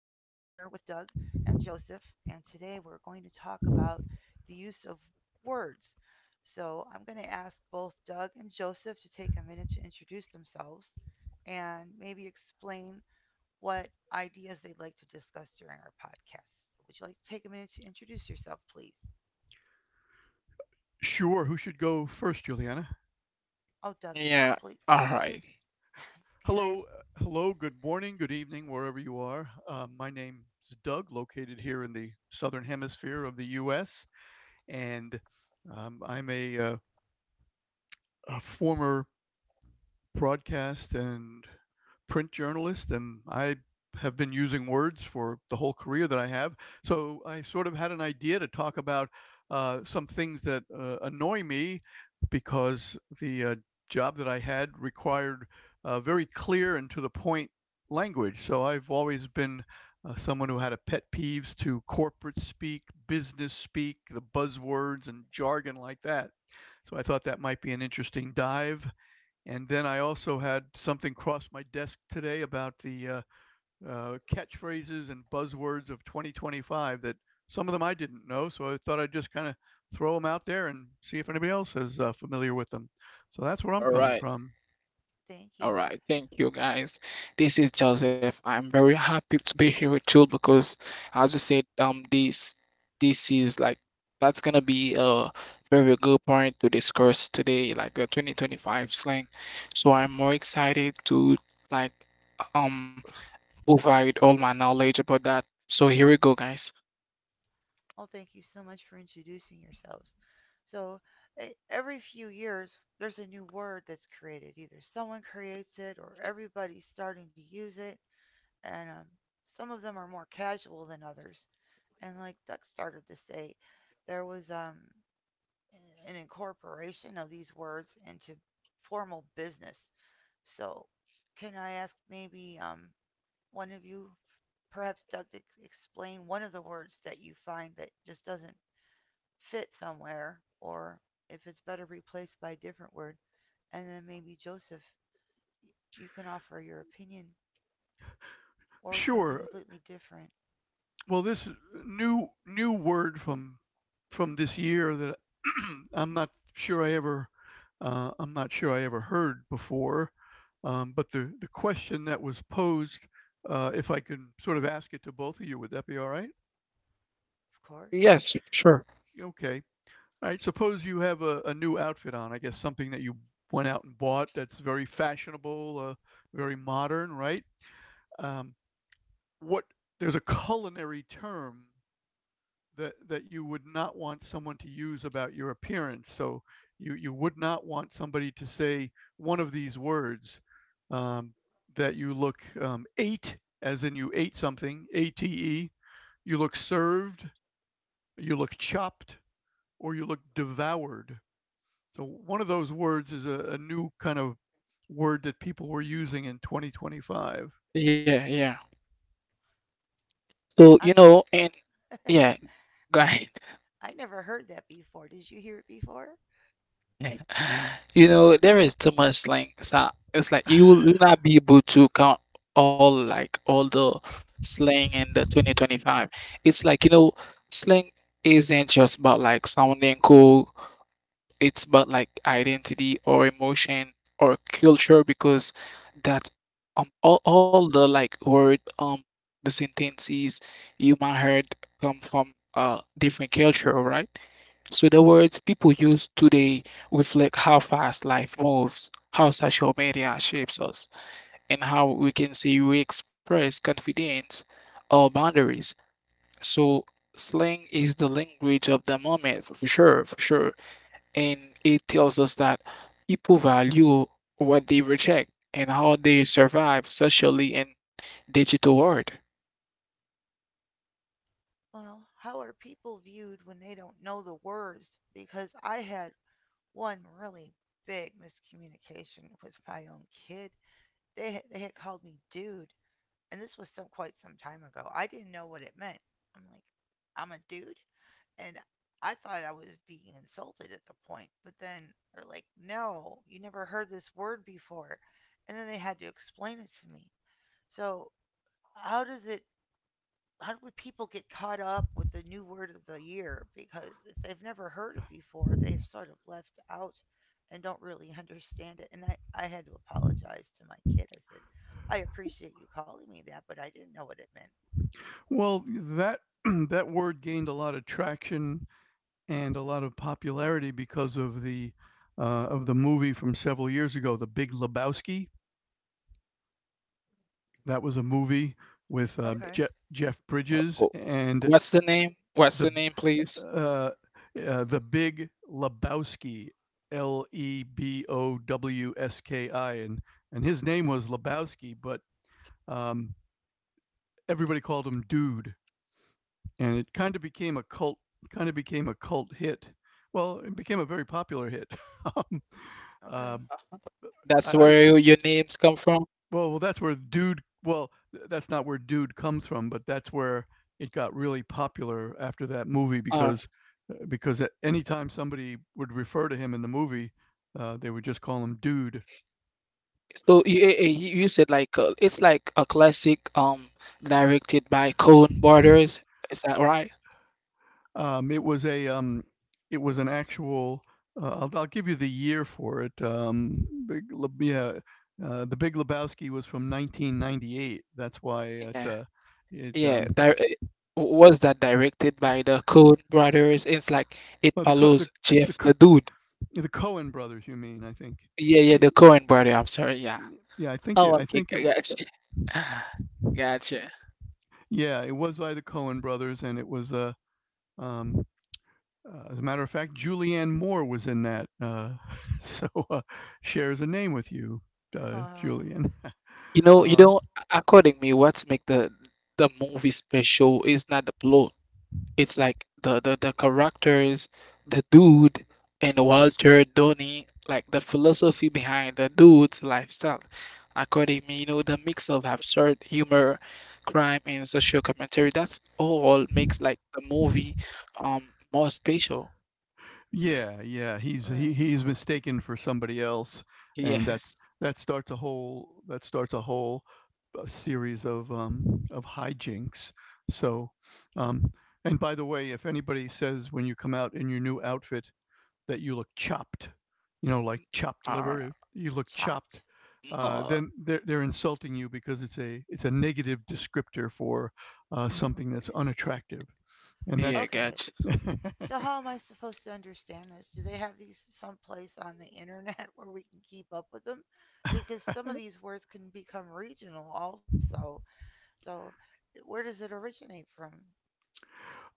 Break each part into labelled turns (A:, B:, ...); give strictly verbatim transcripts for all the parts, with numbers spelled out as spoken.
A: with Doug and Joseph, and today we're going to talk about the use of words. So I'm going to ask both Doug and Joseph to take a minute to introduce themselves and maybe explain what ideas they'd like to discuss during our podcast. Would you like to take a minute to introduce yourself, please?
B: Sure. Who should go first, Juliana?
A: Oh, Doug,
C: Yeah.
A: please,
C: All
A: please,
C: right.
A: can I
B: Hello,
A: ask?
B: uh, hello. Good morning, good evening, wherever you are. Uh, my name is Doug, located here in the southern hemisphere of the U S, and um, I'm a, uh, a former broadcast and print journalist, and I have been using words for the whole career that I have. So I sort of had an idea to talk about uh, some things that uh, annoy me because the uh, job that I had required uh, very clear and to the point language. So I've always been uh, someone who had a pet peeves to corporate speak, business speak, the buzzwords and jargon like that. So I thought that might be an interesting dive, and then I also had something cross my desk today about the uh, uh, catchphrases and buzzwords of twenty twenty-five that some of them I didn't know. So I thought I'd just kind of throw them out there and see if anybody else is uh, familiar with them. So that's where I'm
C: All
B: coming
C: right.
B: from.
A: Thank you.
C: All right. Thank you, guys. This is Joseph. I'm very happy to be here with you because, as you said, um, this this is like that's gonna be a very good point to discuss today, like the twenty twenty-five slang. So I'm more excited to like um provide all my knowledge about that. So here we go, guys.
A: Well, thank you so much for introducing yourselves. So, e- every few years, there's a new word that's created. Either someone creates it or everybody's starting to use it. And um, some of them are more casual than others. And like Doug started to say, there was um, an incorporation of these words into formal business. So, can I ask maybe um, one of you, perhaps Doug, to ex- explain one of the words that you find that just doesn't fit somewhere, or if it's better replaced by a different word. And then maybe Joseph, you can offer your opinion or something
B: Sure.
A: completely different.
B: Well, this new new word from from this year that I'm not sure I ever uh, I'm not sure I ever heard before, um, but the the question that was posed, uh, if I can sort of ask it to both of you, would that be all right?
A: Of course.
C: Yes, sure.
B: Okay. All right. Suppose you have a, a new outfit on. I guess something that you went out and bought that's very fashionable, uh, very modern, right? Um, what there's a culinary term that that you would not want someone to use about your appearance. So you you would not want somebody to say one of these words, um, that you look um, ate, as in you ate something, A T E. You look served, you look chopped, or you look devoured. So one of those words is a, a new kind of word that people were using in twenty twenty-five.
C: Yeah, yeah. So you
A: I've never
C: know, and yeah, guys.
A: I never heard that before. Did you hear it before?
C: You know, there is too much slang. So it's like you will not be able to count all like all the slang in the twenty twenty-five. It's like, you know, slang isn't just about like sounding cool, it's about like identity or emotion or culture because that um all, all the like word um the sentences you might heard come from uh different culture, right? So the words people use today reflect how fast life moves, how social media shapes us, and how we can see we express confidence or boundaries. So slang is the language of the moment, for sure, for sure, and it tells us that people value what they reject and how they survive socially in digital world.
A: Well, how are people viewed when they don't know the words? Because I had one really big miscommunication with my own kid. They had, they had called me dude, and this was so quite some time ago. I didn't know what it meant. I'm like, I'm a dude, and I thought I was being insulted at the point, but then they're like, "No, you never heard this word before," and then they had to explain it to me. So how does it? How do people get caught up with the new word of the year? Because if they've never heard it before, they've sort of left out and don't really understand it. And I, I had to apologize to my kid. I said, I appreciate you calling me that, but I didn't know what it meant.
B: Well, that that word gained a lot of traction and a lot of popularity because of the uh, of the movie from several years ago, The Big Lebowski. That was a movie with uh,
A: Okay,
B: Je- Jeff
C: Uh,
B: Bridges
C: wh-
B: and
C: What's the name? What's
B: the
C: the name, please?
B: uh, uh, the Big Lebowski, L E B O W S K I, and and his name was Lebowski, but um, everybody called him Dude, and it kind of became a cult, kind of became a cult hit. Well, it became a very popular hit. um, uh,
A: okay.
C: That's
B: I,
C: where your,
B: I
C: your names come from.
B: well, well, that's where dude. Well, that's not where dude comes from, but that's where it got really popular after that movie
C: All right.
B: because uh, because at any time somebody would refer to him in the movie, uh, they would just call him dude.
C: So you eh, eh, you you said like uh, it's like a classic um directed by Coen Brothers. Is that right?
B: Um, it was a um, it was an actual. Uh, I'll, I'll give you the year for it. Um, big, Le- yeah, uh, the Big Lebowski was from nineteen ninety-eight. That's why it
C: Yeah,
B: uh, it
C: yeah.
B: um,
C: That was that directed by the Coen brothers. It's like it
B: well the co-
C: follows
B: the
C: Jeff,
B: the
C: the dude.
B: the Cohen brothers, you mean? I think.
C: Yeah, yeah,
B: Y-
C: the Coen brother. I'm sorry. Yeah.
B: Yeah, I think
C: Oh,
B: it. I
C: okay,
B: think it.
C: g- gotcha, gotcha.
B: Yeah, it was by the Cohen brothers, and it was uh, um, uh, as a matter of fact, Julianne Moore was in that. Uh, so uh, shares a name with you, uh,
A: Oh,
B: Julian.
C: You know, you
A: yeah,
B: Um,
C: know. According me, what's make the the movie special is not the plot. It's like the the, the characters, the dude and Walter Donny, like the philosophy behind the dude's lifestyle. According me, you know, the mix of absurd humor, crime and social commentary, that's all makes like the movie um more special.
B: Yeah, yeah, he's he
A: right.
B: he's mistaken for somebody else, and that's
C: Yes.
B: that starts a whole that starts a whole uh, series of um of hijinks. So, um, and by the way, if anybody says when you come out in your new outfit that you look chopped, you know, like chopped
C: Uh,
B: liver, you look chopped,
A: Chopped?
B: uh,
C: no,
B: then they're they're insulting you because it's a it's a negative descriptor for uh, something that's unattractive, and that.
C: yeah,
A: Okay.
C: gotcha.
A: So how am I supposed to understand this? Do they have these someplace on the internet where we can keep up with them? Because some of these words can become regional also. So where does it originate from?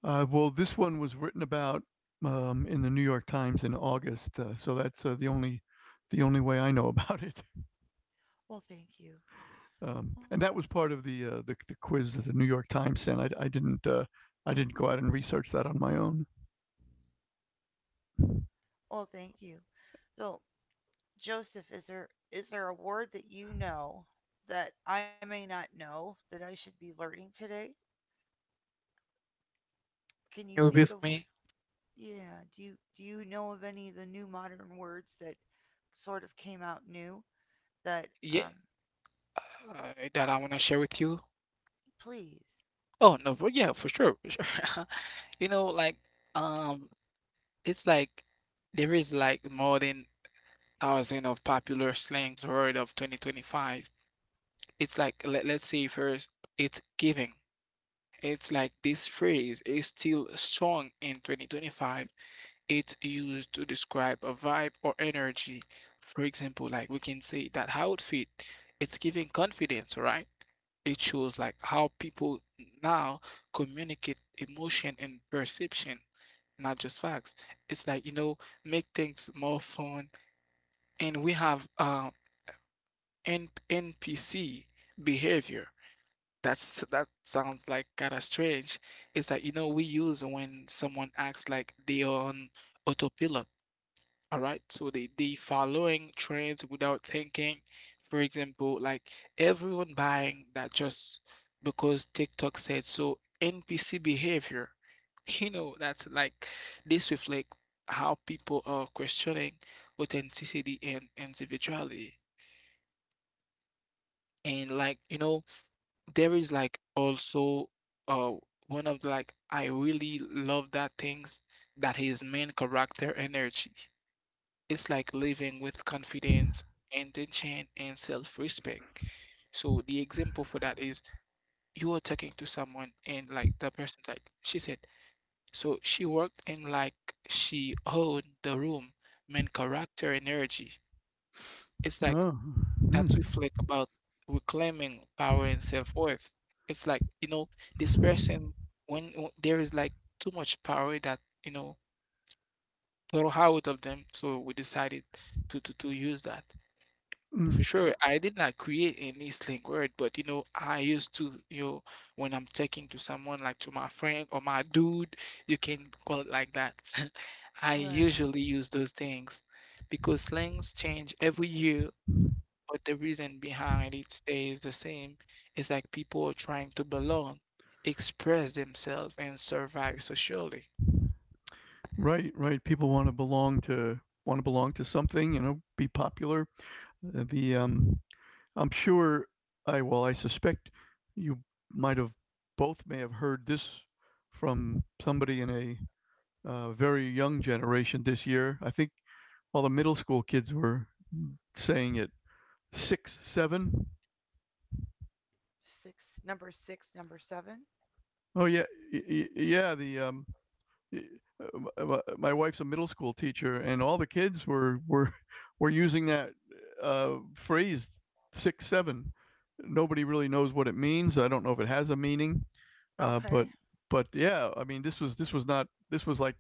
B: Uh, well, this one was written about um, in the New York Times in August, uh, so that's uh, the only the only way I know about it.
A: Well, thank you.
B: Um,
A: Oh,
B: and that was part of the, uh, the the quiz that the New York Times sent. I, I didn't uh, I didn't go out and research that on my own.
A: oh, thank you. So, Joseph, is there is there a word that you know that I may not know that I should be learning today? Can you
C: You
A: think
C: with
A: of one?
C: me?
A: Yeah. Do you do you know of any of the new modern words that sort of came out new? That,
C: Yeah,
A: um
C: uh, that I want to share with you.
A: please.
C: Oh no, for, yeah, for sure, for sure. You know, like um, it's like there is like more than thousand of popular slangs word of twenty twenty-five. It's like let, let's say first, it's giving. It's like this phrase is still strong in twenty twenty-five. It's used to describe a vibe or energy. For example, like we can say that outfit, it's giving confidence, right? It shows like how people now communicate emotion and perception, not just facts. It's like, you know, make things more fun. And we have uh, N NPC behavior. That's that sounds like kind of strange. It's like, you know, we use when someone acts like they are on autopilot. All right, so the the following trends without thinking. For example, like everyone buying that just because TikTok said so. N P C behavior, you know, that's like this reflect how people are questioning authenticity and individuality. And like, you know, there is like also uh one of like I really love that things that his main character energy. It's like living with confidence, intention, and self-respect. So the example for that is you are talking to someone and like the person like she said, so she worked and like she owned the room, main character and energy. It's like
B: Oh, mm,
C: that's reflect about reclaiming power and self-worth. It's like, you know, this person when, when there is like too much power that, you know, throw out of them. So we decided to to, to use that.
B: mm.
C: For sure, I did not create any slang word, but you know, I used to, you know, when I'm talking to someone like to my friend or my dude, you can call it like that. I
A: Right.
C: usually use those things because slangs change every year, but the reason behind it stays the same. It's like people are trying to belong, express themselves, and survive socially.
B: Right, right. People want to belong to want to belong to something, you know, be popular. Uh, The um, I'm sure I well, I suspect you might have both may have heard this from somebody in a uh, very young generation this year. I think all the middle school kids were saying it six seven.
A: Six. Number six, number seven.
B: Oh yeah, y- y- yeah. The um, my- my, wife's a middle school teacher, and all the kids were were were using that uh, phrase six seven. Nobody really knows what it means. I don't know if it has a meaning, uh, but
A: Okay,
B: but yeah, I mean this was this was not this was like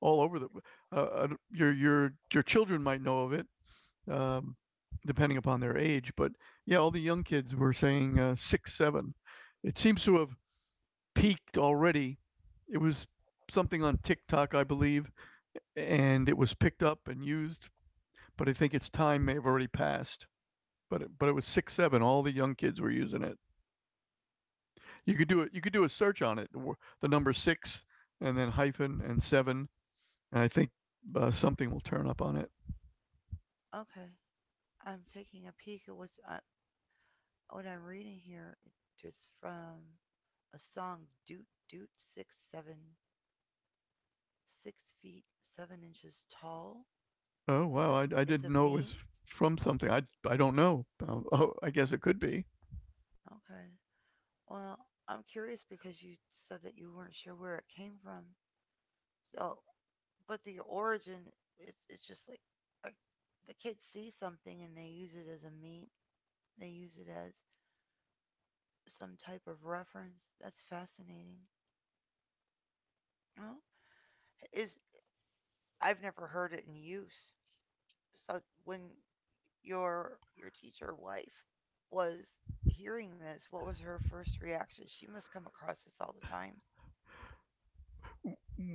B: all over the uh, uh, your your your children might know of it, um, depending upon their age, but yeah, all the young kids were saying uh, six seven. It seems to have peaked already. It was something on TikTok, I believe, and it was picked up and used, but I think its time may have already passed. But it, but it was six seven. All the young kids were using it. You could do it. You could do a search on it. The number six and then hyphen and seven, and I think uh, something will turn up on it.
A: okay. I'm taking a peek at what's uh, what I'm reading here just from a song, doot doot. six seven, six feet seven inches tall.
B: Oh
A: it's
B: wow,
A: a
B: I, I
A: it's
B: didn't
A: a
B: know it
A: meme.
B: was from something. I I don't know. Um, oh, I guess it could be.
A: Okay, well, I'm curious because you said that you weren't sure where it came from, so. But the origin, it's it's just like like the kids see something and they use it as a meme. They use it as some type of reference. That's fascinating. Well, is I've never heard it in use. So when your your teacher wife was hearing this, what was her first reaction? She must come across this all the time.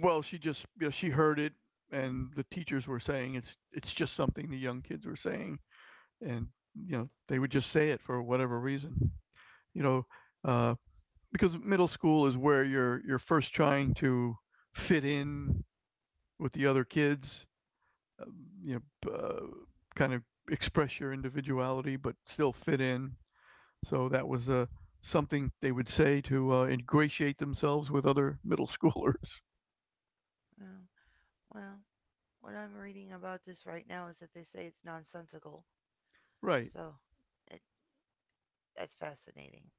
B: Well, she just, you know, she heard it, and the teachers were saying it's it's just something the young kids were saying, and you know they would just say it for whatever reason, you know, uh, because middle school is where you're you're first trying to fit in with the other kids, uh, you know, uh, kind of express your individuality but still fit in. So that was uh, something they would say to uh, ingratiate themselves with other middle schoolers.
A: Oh, well, what I'm reading about this right now is that they say it's nonsensical.
B: Right.
A: So it, that's fascinating.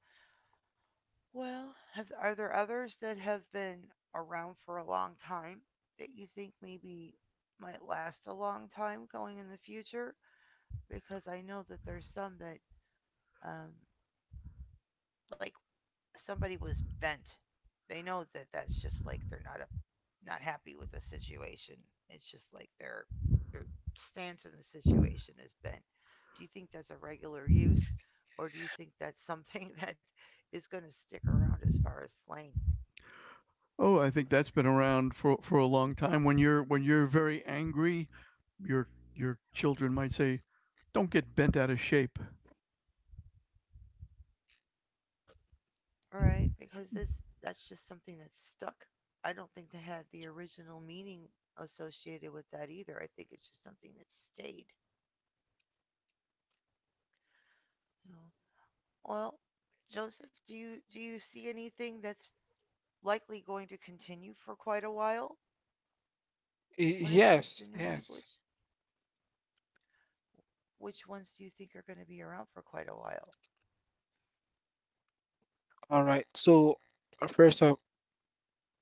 A: Well, have, are there others that have been around for a long time that you think maybe might last a long time going in the future? Because I know that there's some that, um, like somebody was bent. They know that that's just like they're not a, not happy with the situation. It's just like their, their stance in the situation is bent. Do you think that's a regular use, or do you think that's something that is going to stick around as far as slang.
B: Oh, I think that's been around for for a long time. When you're when you're very angry, your your children might say, "Don't get bent out of shape."
A: All right? Because this that's just something that's stuck. I don't think they had the original meaning associated with that either. I think it's just something that stayed. You know? Well, Joseph, do you do you see anything that's likely going to continue for quite a while when
C: Y-
A: it comes to
C: Yes,
A: new language?
C: yes.
A: Which ones do you think are going to be around for quite a while?
C: All right. So uh, first off,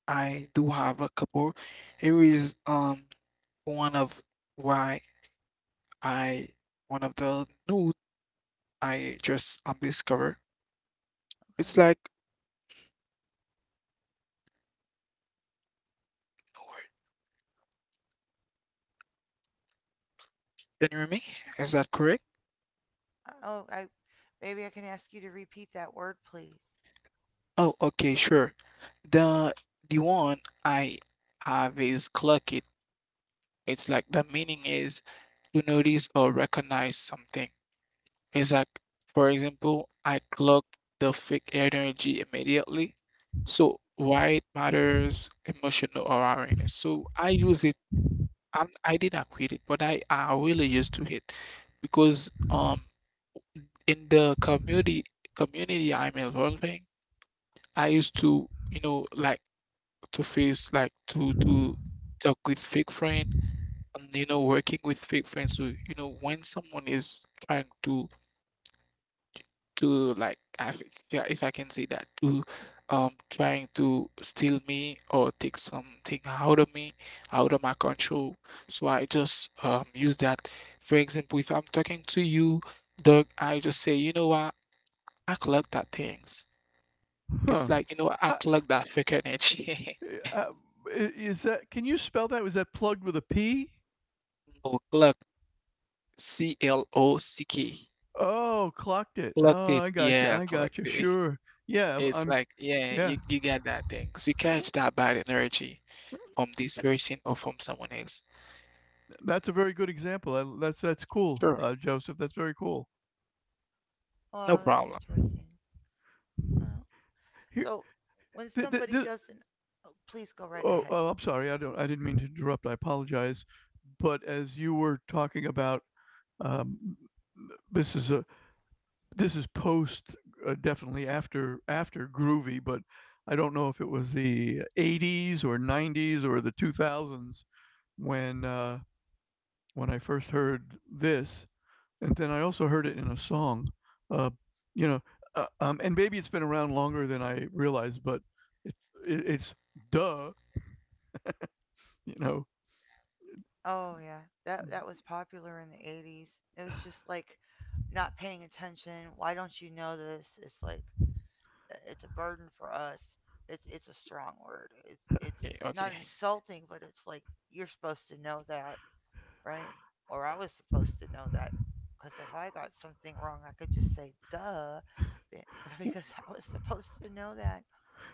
C: I do have a couple. Here is um. one of why I one of the new I just um discovered. It's
A: Okay.
C: like can you hear me? Is that correct?
A: Uh, Oh, I maybe I can ask you to repeat that word, please.
C: Oh, okay, sure. The the one I have is clock it. It's like the meaning is to notice or recognize something. It's like, for example, I clocked the fake energy immediately. So why it matters emotional awareness. So I use it I'm, I did not quit it, but I, I really used to it because um in the community community I'm involving, I used to you know like to face like to to talk with fake friend and you know working with fake friends. So you know when someone is trying to to like I think, yeah, if I can say that to um trying to steal me or take something out of me, out of my control. So I just um use that. For example, if I'm talking to you, dog, I just say, you know what, I clock that things. It's
B: Huh?
C: like, you know, what, I
B: Ha,
C: clock that freaking itch.
B: uh, I- is that? Can you spell that? Was that plugged with a P?
C: No, clock. C L O C K.
B: Oh, clocked it.
C: Clocked
B: Oh,
C: it.
B: I got you.
C: Yeah,
B: I got you.
C: clocked it.
B: Sure. Yeah, I'm.
C: It's
B: I'm-
C: like, yeah,
B: Yeah,
C: you, you get that thing. So you catch that bad energy from this person or from someone else.
B: that's a very good example. I, that's that's cool,
C: Sure.
B: uh, Joseph. That's very cool.
C: No
A: Wow, that's
C: problem.
A: interesting. Oh,
B: Here,
A: so when
B: th- th-
A: somebody
B: th-
A: doesn't, oh, please go right
B: oh,
A: ahead.
B: oh, I'm sorry. I don't. I didn't mean to interrupt. I apologize. But as you were talking about, um, this is a this is post uh, definitely after after groovy, but I don't know if it was the eighties or nineties or the two thousands when uh, when I first heard this, and then I also heard it in a song. Uh, you know, uh, um, and maybe it's been around longer than I realized, but it's it's duh, you know.
A: Oh yeah, that that was popular in the eighties. It was just like not paying attention. Why don't you know this? It's like uh, it's a burden for us. It's it's a strong word. It's it's
C: Okay,
A: not
C: okay.
A: insulting, but it's like you're supposed to know that, right? Or I was supposed to know that because if I got something wrong, I could just say duh because I was supposed to know that.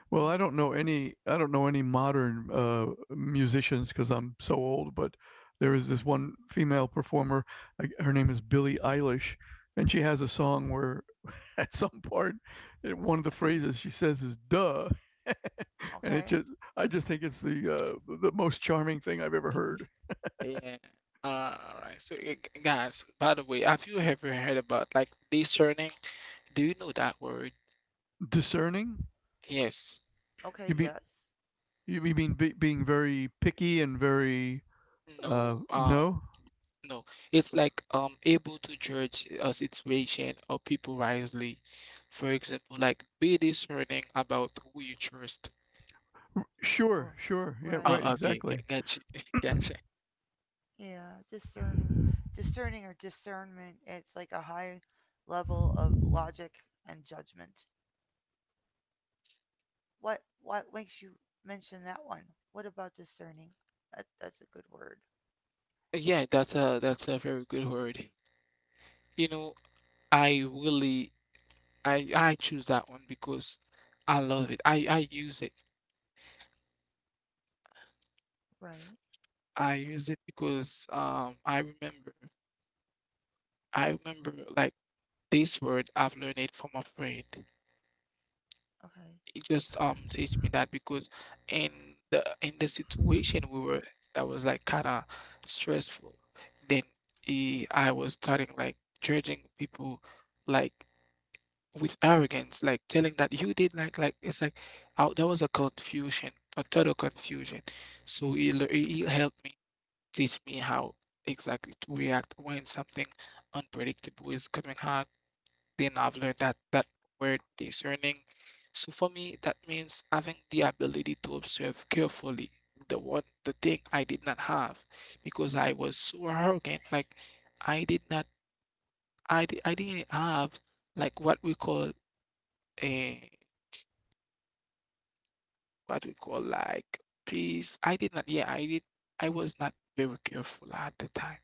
B: Well,
A: Uh,
B: I don't know any I don't know any modern, uh, musicians because 'cause I'm so old, but there is this one female performer, like, her name is Billie Eilish, and she has a song where at some part, eh, one of the phrases she says is "duh," and it
A: okay.
B: just I just think it's the, uh, the most charming thing I've ever heard.
C: Yeah. All right. So, uh, guys, by the way, have you ever heard about like discerning? Do you know that word?
B: Discerning?
C: Yes.
A: Okay,
B: You mean
A: yes.
B: you mean be being very picky and very, uh,
C: No. Uh,
B: no?
C: no. It's like um able to judge a situation or people wisely. For example, like be discerning about who you trust.
B: Sure,
A: r-
B: sure. Yeah, right,
A: right.
C: Uh, okay.
B: exactly.
C: Gotcha. Gotcha.
A: Yeah, discerning, discerning or discernment. It's like a high level of logic and judgment. What what makes you mention that one? What about discerning? That that's a good word.
C: Yeah, that's a that's a very good word. You know, I really I I choose that one because I love it. I I use it.
A: Right.
C: I use it because um I remember I remember like this word I've learned it from a friend.
A: Okay.
C: It just um teach me that because in the in the situation we were that was like kind of stressful. Then he, I was starting like judging people like with arrogance, like telling that you did like like it's like out there was a confusion, a total confusion. So he lear- he he helped me teach me how exactly to react when something unpredictable is coming hard. Then I've learned that that word discerning. So for me, that means having the ability to observe carefully the one the thing I did not have because I was so arrogant. Like I did not I di- I didn't have like what we call. A. What we call like peace. I did not, yeah, I did, I was not very careful at the time.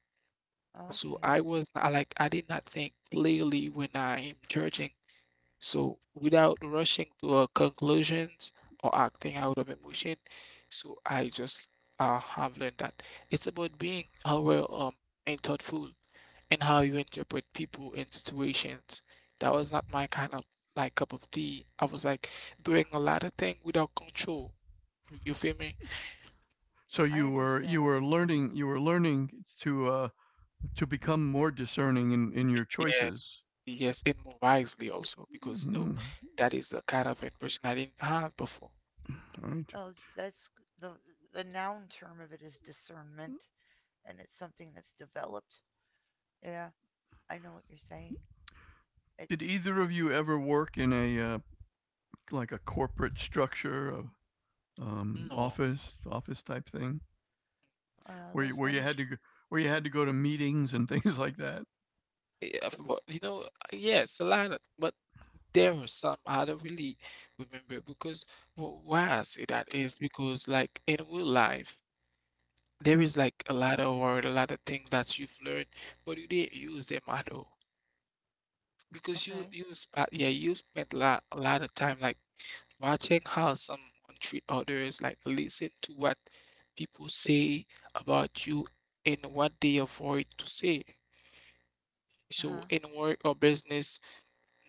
C: So I
A: Okay.
C: was not, like, I did not think clearly when I am judging. So without rushing to uh, conclusions or acting out of emotion, so I just uh, have learned that it's about being aware um and thoughtful in how you interpret people and situations. That was not my kind of like cup of tea. I was like doing a lot of things without control. You feel me?
B: So
A: I
B: you were
A: understand
B: you
A: what you're
B: were
A: saying.
B: learning you were learning to uh, to become more discerning in, in your
C: Yes,
B: choices.
C: yes, and more wisely also because you know
B: Mm,
C: that is a kind of impression I didn't have before.
B: all right.
A: No, that's g- the the noun term of it is discernment, and it's something that's developed. Yeah, I know what you're saying. It
B: Did either of you ever work in a uh, like a corporate structure, of um,
C: No,
B: office office type thing,
A: uh,
B: where you,
A: There's
B: where you
A: many.
B: had to go, where you had to go to meetings and things like that?
C: yeah, but you know, yes, a lot of, but there are some I don't really remember because well, why I say that is because like in real life, there is like a lot of word, a lot of things that you've learned, but you didn't use them at all because you
A: Okay.
C: you spent yeah you spent a lot a lot of time like watching how someone treat others, like listen to what people say about you and what they avoid to say.
A: Uh
C: So
A: huh.
C: in work or business,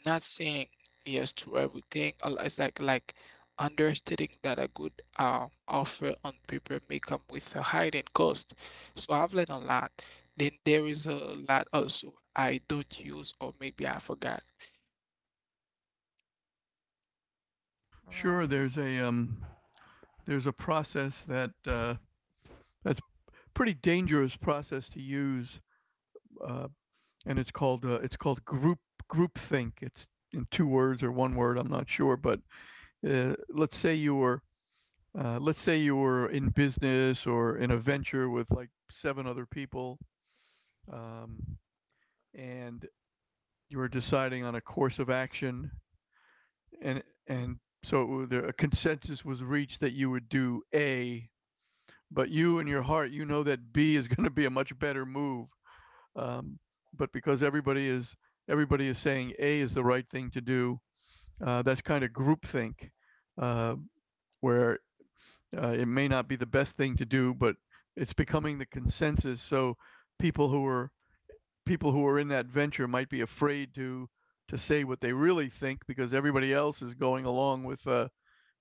C: not saying yes to everything. a lo- It's like like understating that a good um offer on paper may come with a hidden cost. So I've learned a lot. Then there is a lot also I don't use or maybe I forgot.
B: Sure,
A: Right.
B: there's a um, there's a process that uh, that's a pretty dangerous process to use uh, and it's called uh, it's called group groupthink. It's in two words or one word, I'm not sure. But uh, let's say you were uh, let's say you were in business or in a venture with like seven other people, um, and you were deciding on a course of action, and and so there, a consensus was reached that you would do A, but you in your heart you know that B is going to be a much better move. Um, but because everybody is everybody is saying A is the right thing to do, uh, that's kind of groupthink, uh, where uh, it may not be the best thing to do, but it's becoming the consensus. So people who are people who are in that venture might be afraid to to say what they really think because everybody else is going along with uh,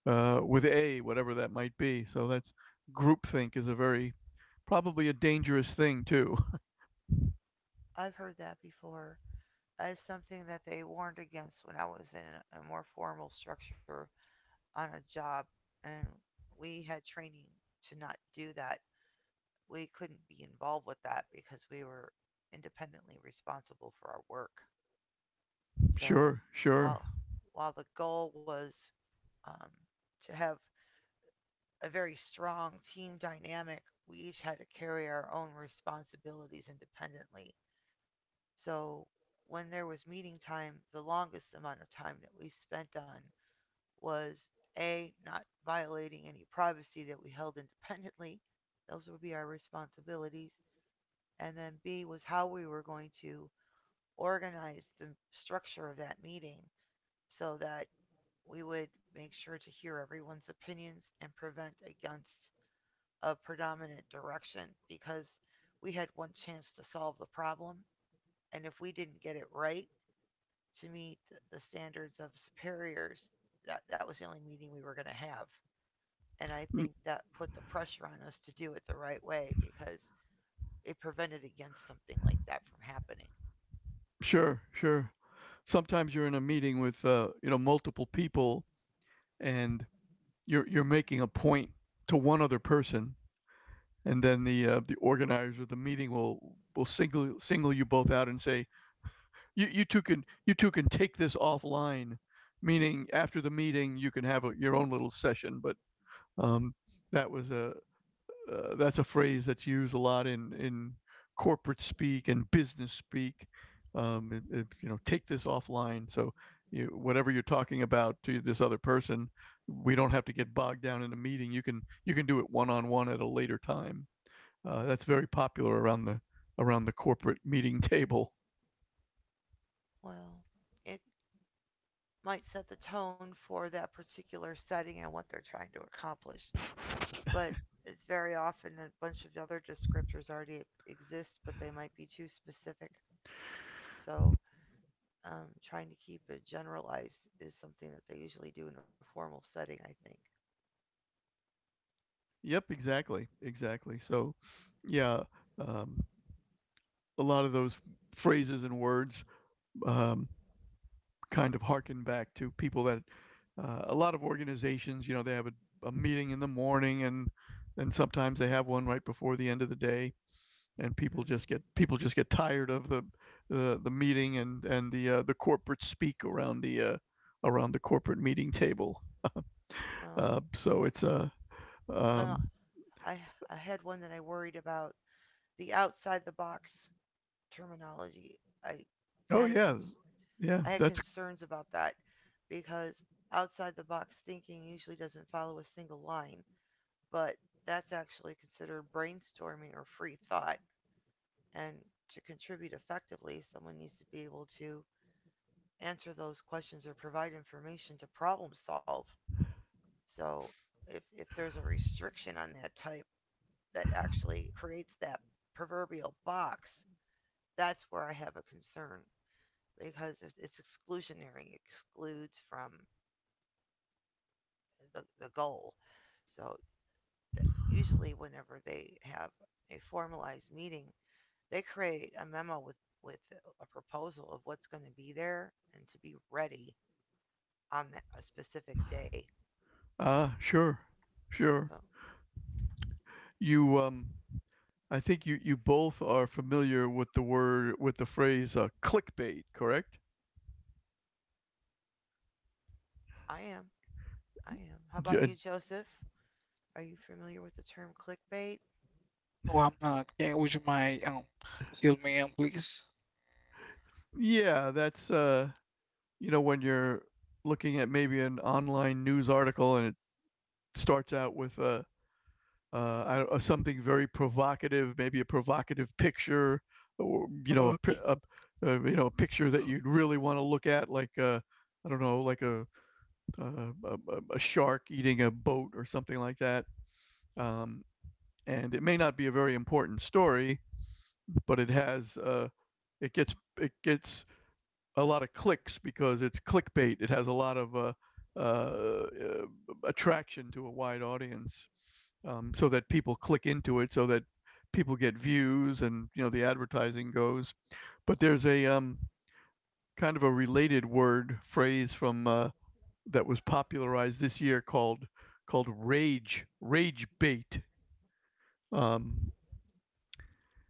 B: uh, with A, whatever that might be. So that's groupthink is a very probably a dangerous thing too.
A: I've heard that before as something that they warned against when I was in a more formal structure on a job, and we had training to not do that. We couldn't be involved with that because we were independently responsible for our work. So
B: Sure, sure.
A: while while the goal was um, to have a very strong team dynamic, we each had to carry our own responsibilities independently. So when there was meeting time, the longest amount of time that we spent on was A, not violating any privacy that we held independently. Those would be our responsibilities. And then B was how we were going to organize the structure of that meeting so that we would make sure to hear everyone's opinions and prevent against a predominant direction because we had one chance to solve the problem. And if we didn't get it right, to meet the standards of superiors, that, that was the only meeting we were going to have. And I
B: Mm.
A: think that put the pressure on us to do it the right way because it prevented against something like that from happening.
B: Sure, sure. Sometimes you're in a meeting with uh, you know multiple people, and you're you're making a point to one other person, and then the uh, the organizer of the meeting will will single single you both out and say you you two can you two can take this offline, meaning after the meeting you can have a, your own little session. But um, that was a uh, that's a phrase that's used a lot in in corporate speak and business speak. Um, it- it, you know, take this offline. So you, whatever you're talking about to this other person, we don't have to get bogged down in a meeting. You can you can do it one on one at a later time. Uh,
A: Mm.
B: that's very popular around the around the corporate meeting table.
A: Well, it might set the tone for that particular setting and what they're trying to accomplish, but it's very often a bunch of other descriptors already e-, exist, but they might be too specific. So um, trying to keep it generalized is something that they usually do in a formal setting, I think.
B: Yep, exactly, exactly. So, yeah, um, a lot of those phrases and words um, kind of harken back to people that uh, a lot of organizations, you know, they have a, a meeting in the morning and and sometimes they have one right before the end of the day and people
A: Hmm.
B: just get people just get tired of the the, the meeting and and the uh, the corporate speak around the uh, around the corporate meeting table.
A: Well,
B: Uh, so it's a uh,
A: uh,
B: um,
A: I I had one that I worried about, the outside the box terminology. I
B: oh
A: had a
B: yeah
A: cons-
B: yeah
A: I had
B: that's
A: concerns about that because outside the box thinking usually doesn't follow a single line, but that's actually considered brainstorming or free thought. And to contribute effectively, someone needs to be able to answer those questions or provide information to problem solve. So if if there's a restriction on that type that actually creates that proverbial box, that's where I have a concern because it's, it's exclusionary, it excludes from the, the goal. So th- usually, whenever they have a formalized meeting, they create a memo with with a proposal of what's going to be there and to be ready on that, a specific day.
B: uh sure sure
A: So
B: you um I think you you both are familiar with the word with the phrase uh, clickbait, correct?
A: I am, I am. How about
B: J-
A: you, Joseph? Are you familiar with the term clickbait?
C: Oh, I'm not. Yeah, would you mind um tell me um please?
B: yeah, that's uh, you know, when you're looking at maybe an online news article and it starts out with a uh, uh, I don't- uh, something very provocative, maybe a provocative picture, or you know, a, pi-
C: Okay,
B: a uh, you know, a picture that you'd really want to look at, like uh, I don't know, like a, uh, a a- a shark eating a boat or something like that. Um, and it may not be a very important story, but it has uh, it gets it gets a lot of clicks because it's clickbait. It has a lot of uh, uh, uh, attraction to a wide audience, um, so that people click into it, so that people get views, and you know the advertising goes. But there's a um, kind of a related word phrase from uh, that was popularized this year called called rage rage bait, um,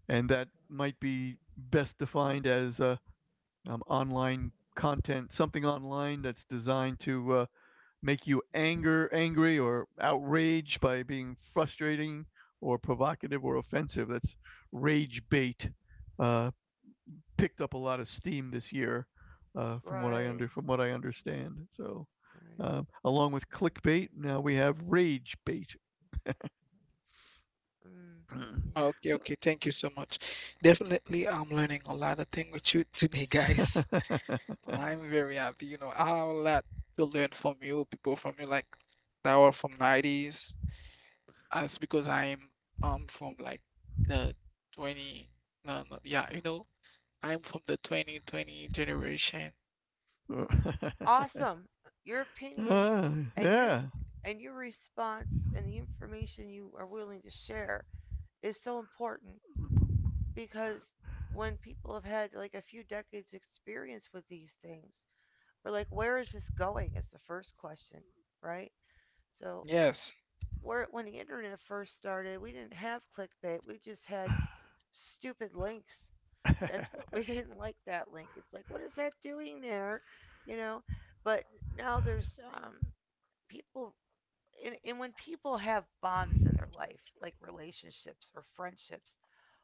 B: and that might be best defined as uh, um, online content, something online that's designed to uh, make you anger angry or outraged by being frustrating or provocative or offensive. That's rage bait. Uh, Picked up a lot of steam this year, uh, from what I
A: Right,
B: under from what I understand. So,
A: right.
B: uh, along with clickbait, now we have rage bait.
A: Mm, yeah.
C: okay, okay. Thank you so much. Definitely, I'm learning a lot of things with you today, guys.
A: Wow.
C: I'm very happy. You know, I have a lot to learn from you, people from you, like that were from nineties. That's because I'm um from like the twenty, no, no, yeah, you know, I'm from the twenty twenty generation.
A: Awesome. Your opinion
B: Ah,
A: and your
B: yeah.
A: and your response and the information you are willing to share is so important because when people have had like a few decades experience with these things, we're like, where is this going? Is the first question, right? So
C: Yes,
A: where when the internet first started, we didn't have clickbait. We just had stupid links. That's what we didn't like that link. It's like, what is that doing there? You know, but now there's um, people, and, and when people have bonds in their life, like relationships or friendships,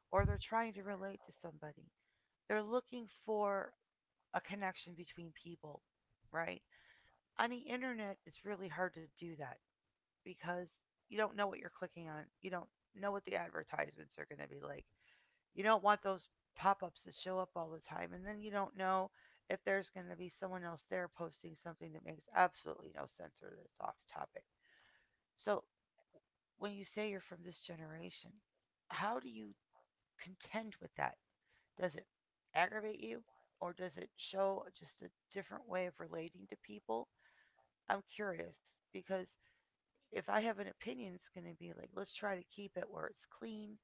A: or they're trying to relate to somebody, they're looking for a connection between people, right? On the internet, it's really hard to do that because you don't know what you're clicking on, you don't know what the advertisements are going to be like. You don't want those pop ups that show up all the time. And then you don't know if there's going to be someone else there posting something that makes absolutely no sense or that's off topic. So when you say you're from this generation, how do you contend with that? Does it aggravate you or does it show just a different way of relating to people? I'm curious because if I have an opinion, it's going to be like, let's try to keep it where it's clean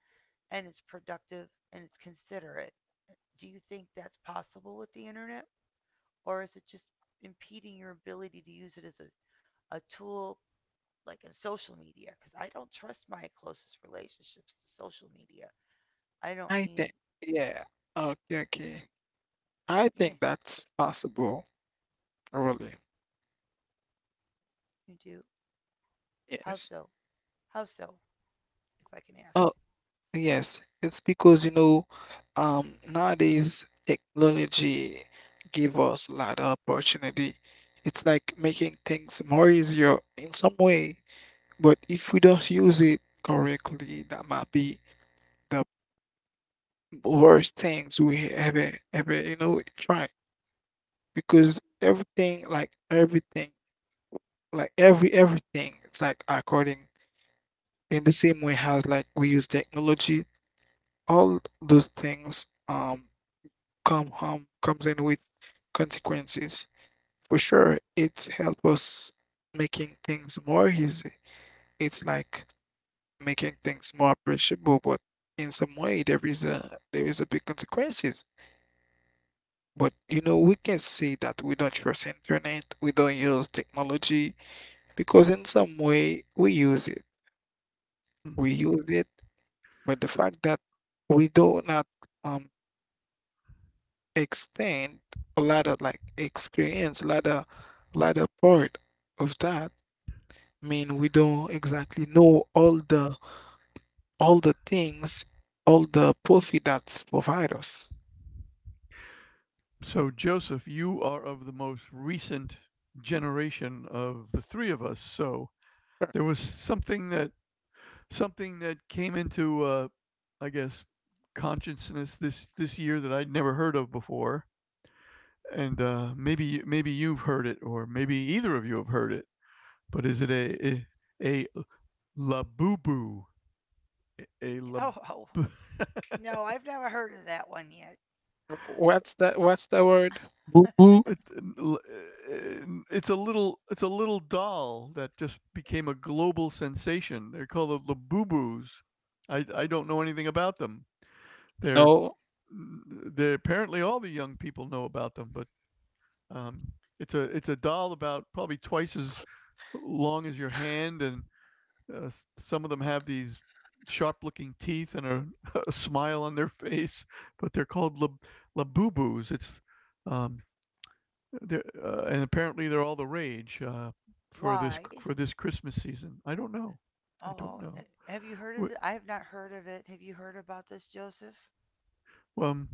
A: and it's productive and it's considerate. Do you think that's possible with the internet? Or is it just impeding your ability to use it as a, a tool like in social media? Because I don't trust my closest relationships to social media. I don't
C: I think,
A: need,
C: yeah. Okay, okay. I
A: yeah,
C: think that's possible, really.
A: you do. How
C: Yes.
A: so? How so? If I can ask.
C: Oh, yes. It's because, you know, um, nowadays technology give us a lot of opportunity. It's like making things more easier in some way, but if we don't use it correctly, that might be the worst things we ever, ever, you know, try. Because everything, like everything, like every everything, it's like according in the same way as like we use technology, all those things um come home comes in with consequences. For sure it helps us making things more easy. It's like making things more appreciable, but in some way there is a there is a big consequences. But you know, we can say that we don't trust internet, we don't use technology, because in some way we use it, we use it But the fact that we do not um extend a lot of like experience, a lot of lot of part of that. I mean, we don't exactly know all the all the things, all the profit that's provide us.
B: So Joseph, you are of the most recent generation of the three of us. So
C: Uh,
B: there was something that something that came into, uh, I guess, consciousness this this year that I'd never heard of before, and uh, maybe maybe you've heard it, or maybe either of you have heard it. But is it a a, a labubu? A a lab.
A: Oh, oh no, I've never heard of that one yet.
C: What's that? What's the word? Boo boo?
B: It's uh, it's a little it's a little doll that just became a global sensation. They're called the labubu's. I, I don't know anything about them. They're
C: No,
B: they're apparently all the young people know about them, but um, it's a it's a doll about probably twice as long as your hand, and uh, some of them have these sharp-looking teeth and a, a smile on their face. But they're called lab, labubus. It's um, they're, uh, and apparently they're all the rage uh, for this
A: Why?
B: for this Christmas season. I don't know. I don't
A: Oh, uh,
B: know.
A: have you heard of
B: W-
A: it? I have not heard of it. Have you heard about this, Joseph?
B: Um.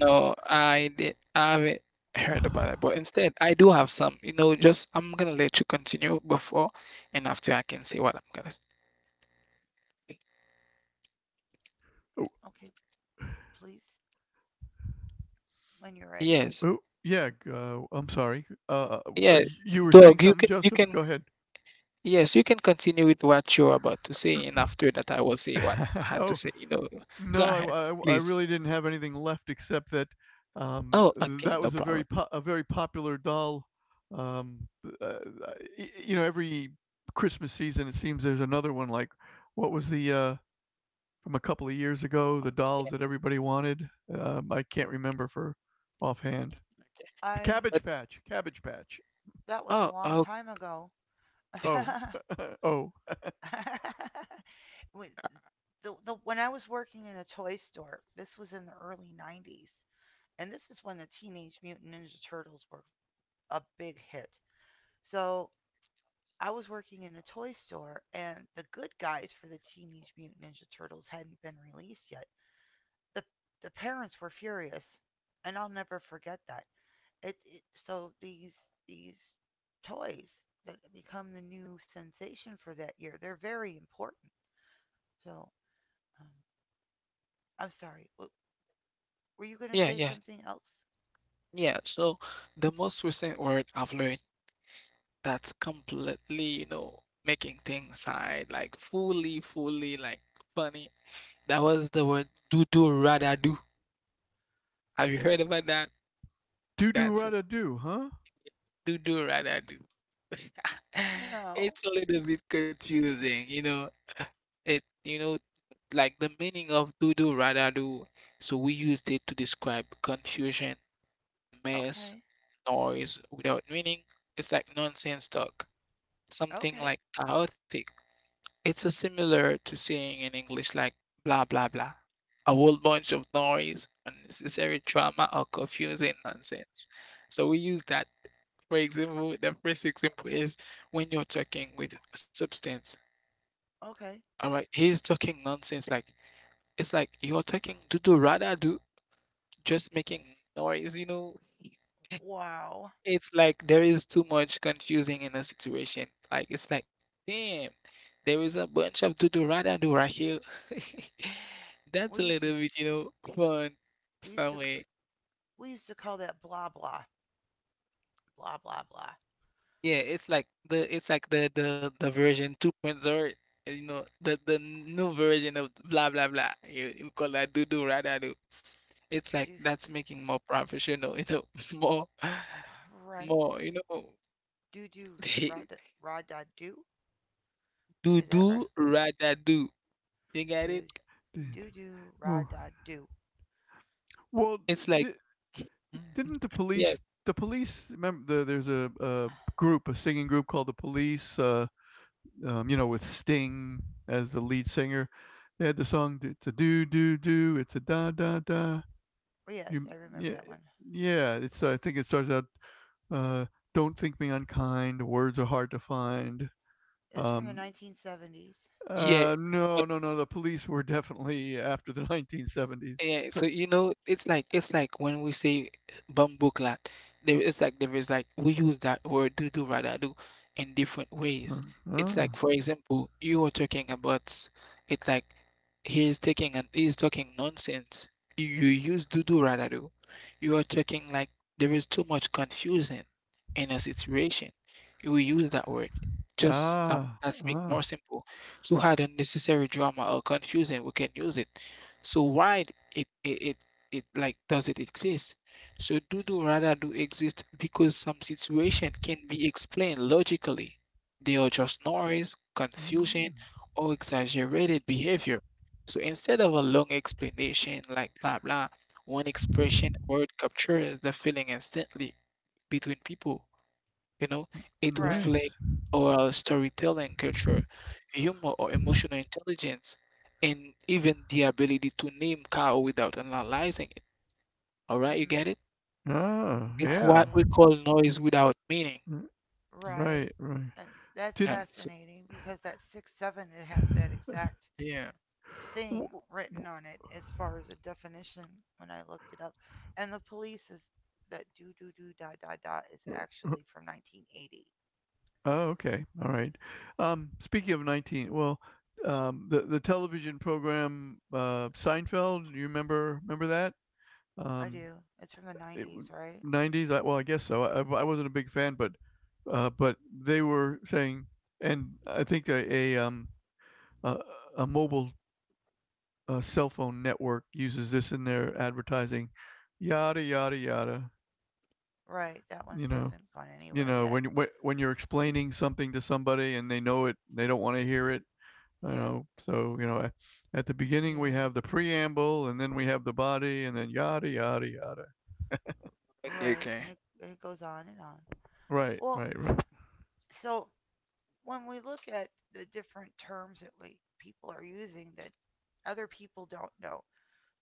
C: no, I did I haven't heard about it. But instead, I do have some. You know, just I'm gonna let you continue before, and after I can say what I'm gonna say.
B: Oh,
A: Okay, please, when you're ready.
C: Yes,
B: oh, yeah. Uh, I'm sorry. Uh, uh,
C: yeah,
B: you were saying
C: dog. you
B: something,
C: can you
B: Joseph?
C: can
B: Go ahead.
C: yes, you can continue with what you're about to say, and after that, I will say what I had to
B: oh,
C: say. You know, go
B: No,
C: ahead,
B: I, I, I
C: please.
B: really didn't have anything left except that um,
C: Oh, okay,
B: that
C: no
B: was a
C: problem.
B: very po- a very popular doll. Um, uh, y- you know, every Christmas season it seems there's another one. Like, what was the uh, from a couple of years ago? The dolls that everybody wanted. Um, I can't remember for offhand.
A: I
B: Cabbage
C: But
B: Patch, Cabbage Patch.
A: that was a
C: oh,
A: long
C: oh,
A: time ago.
B: Oh, oh,
A: When- the, the, when I was working in a toy store, this was in the early nineties, and this is when the Teenage Mutant Ninja Turtles were a big hit. So I was working in a toy store, and the good guys for the Teenage Mutant Ninja Turtles hadn't been released yet. The, the parents were furious, and I'll never forget that. it, it so these these toys that become the new sensation for that year, they're very important. So um, i'm sorry w- were you going to
C: yeah,
A: say
C: yeah,
A: something else?
C: yeah. So the most recent word I've learned that's completely, you know, making things hard, like fully, fully, like funny. That was the word do do rada do. Have you heard about that?
B: doo doo
C: That's a
B: rada doo, huh?
C: do do rather do.
A: No.
C: It's a little bit confusing, you know. It you know like the meaning of do do rather do. So we used it to describe confusion, mess,
A: Okay,
C: noise without meaning. It's like nonsense talk, something
A: okay,
C: like chaotic. It's a similar to saying in English like blah blah blah, a whole bunch of noise, unnecessary drama or confusing nonsense. So we use that. For example, the first example is when you're talking with substance.
A: okay.
C: All right, he's talking nonsense. Like it's like you're talking do do rada do, just making noise. You know,
A: Wow.
C: it's like there is too much confusing in a situation. Like it's like damn, there is a bunch of do do rada do right here. That's a
A: we used to
C: little bit, you know, fun.
A: we used to
C: Somewhere.
A: we used to call that blah blah blah blah blah.
C: Yeah, it's like the it's like the the the version 2.0, uh, you know, the the new version of blah blah blah. You, you call that do do rather do. It's like
A: Do,
C: that's making more professional, you know, more
A: right.
C: more, you know,
A: Do do rod, ra da do.
C: do
A: Is that
C: do
A: right?
C: rather do. You get it?
A: Do
B: Did-
A: do do ra
B: Well,
A: da do.
B: well,
C: It's like
B: di
C: Mhm.
B: didn't the
C: Yeah,
B: police? The police. Remember, the, there's a, a group, a singing group called the Police. Uh, um, you know, with Sting as the lead singer. They had the song. It's a do do do. It's a da da da.
A: Yes,
B: You
A: I remember
B: Yeah,
A: that one.
B: yeah. It's I think it starts out. Uh, don't think me unkind. Words are hard to find.
A: It's from the
B: Um,
A: nineteen seventies.
C: yeah.
B: uh, no, no, no. The police were definitely after the nineteen seventies.
C: Yeah,
B: So,
C: so you know, it's like it's like when we say bamboo clat, there it's like there is like we use that word do do rather do in different
B: uh,
C: ways. It's like
B: ah,
C: for example, you are talking about, it's like he's taking and he's talking nonsense. You, you use do do rather do. You are talking like there is too much confusion in a situation. You will use that word. Just um,
B: ah,
C: let's make
B: ah.
C: more simple. To add unnecessary drama or confusion, we can use it. So why it it it, it like does it exist? So do do rather do exist because some situation can be explained logically. They are just noise, confusion,
B: Mm,
C: or exaggerated behavior. So instead of a long explanation like blah blah, one expression word captures the feeling instantly between people. You know, it
A: Right.
B: nice.
C: reflects oral storytelling culture, humor or emotional intelligence, and even the ability to name cow without analyzing it. All right, you get
A: Hmm.
C: it?
B: Ah,
C: It's
A: I get
C: what
B: yeah.
C: we
A: it.
C: call noise without meaning.
B: Mm.
A: Right.
B: Right, right.
A: And that's
B: Did
C: Uh, so-
A: fascinating because that six seven, it has that exact
C: yeah.
A: thing
B: w- w-
A: written on it as far as a definition when I looked it up. And the police, is that do do do dot dot dot, is
B: r-
A: actually from nineteen eighty.
B: Oh, okay. All right. Um, speaking of nineteen, well, um, the the television program uh, Seinfeld, you remember remember that?
A: I
B: Um,
A: do. It's from the
B: it,
A: nineties,
B: w-
A: right?
B: nineties, I, well, I guess so. I, I wasn't a big fan, but uh, but they were saying and I think a, a um a, a mobile uh, cell phone network uses this in their advertising. Yada yada yada.
A: Right. That one
B: You know,
A: hasn't gone
B: you
A: anywhere
B: know, when
A: yet.
B: you when when you're explaining something to somebody and they know it, they don't want to hear it. I
A: Yeah.
B: know. So you know at the beginning we
A: Yeah.
B: have the preamble and then we have the body and then yada yada yada.
C: Okay,
A: Right.
C: okay.
A: And it, and it goes on and on.
B: Right,
A: Well,
B: right, right.
A: so when we look at the different terms that we people are using that other people don't know,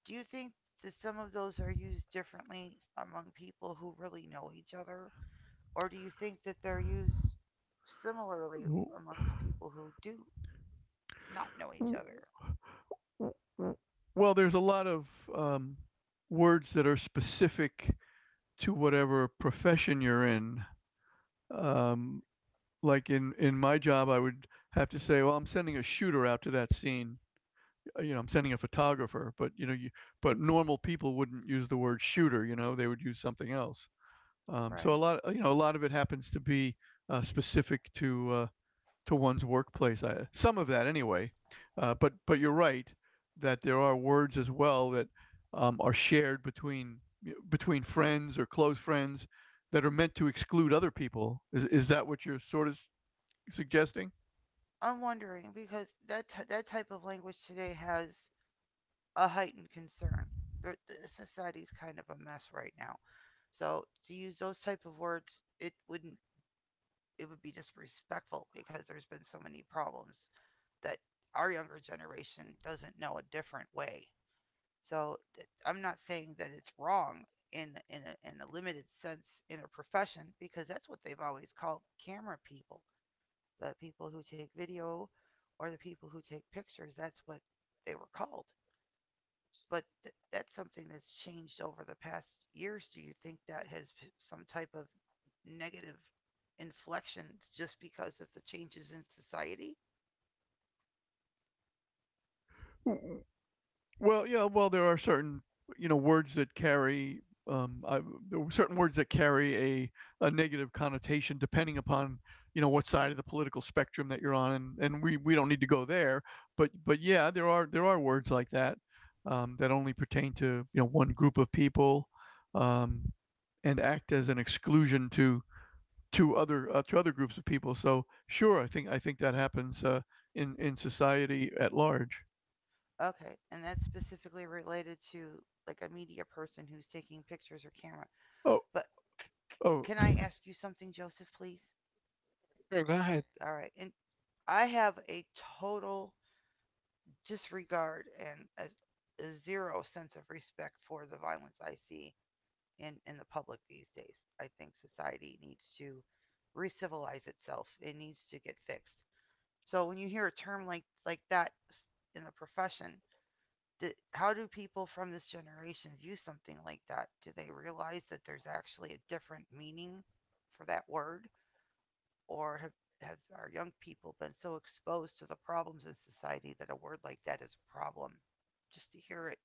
A: do you think that some of those are used differently among people who really know each other, or do you think that they're used similarly amongst people who do not know each other?
B: Well, there's a lot of um, words that are specific to whatever profession you're in, um, like in in my job I would have to say, well, I'm sending a shooter out to that scene, uh, you know, I'm sending a photographer, but you know, you but normal people wouldn't use the word shooter. You know, they would use something else. Um, so a
A: Right.
B: lot, you know, a lot of it happens to be uh, specific to uh, to one's workplace. I, some of that, anyway. Uh, but but you're right that there are words as well that um, are shared between between friends or close friends that are meant to exclude other people. Is is that what you're sort of suggesting?
A: I'm wondering because that t- that type of language today has a heightened concern. The, the Society's kind of a mess right now, so to use those type of words, it wouldn't it would be disrespectful because there's been so many problems that our younger generation doesn't know a different way. So I'm not saying that it's wrong in in a, in a limited sense in a profession because that's what they've always called camera people, the people who take video or the people who take pictures. That's what they were called, but th- that's something that's changed over the past years. Do you think that has p- some type of negative inflection just because of the changes in society?
B: Well, yeah, well, there are certain, you know, words that carry um I, there were certain words that carry a a negative connotation depending upon, you know, what side of the political spectrum that you're on, and and we we don't need to go there, but but yeah, there are there are words like that um that only pertain to, you know, one group of people um and act as an exclusion to to other uh, to other groups of people. So, sure, I think I think that happens uh in in society at large.
A: Okay, and that's specifically related to like a media person who's taking pictures or camera.
B: Oh,
A: But c- c-
B: oh.
A: can I ask you something, Joseph, please?
C: Sure, go ahead.
A: All right, and I have a total disregard and a, a zero sense of respect for the violence I see in in the public these days. I think society needs to re-civilize itself. It needs to get fixed. So when you hear a term like like that in the profession, do, how do people from this generation view something like that? Do they realize that there's actually a different meaning for that word, or have have our young people been so exposed to the problems in society that a word like that is a problem? Just to hear it,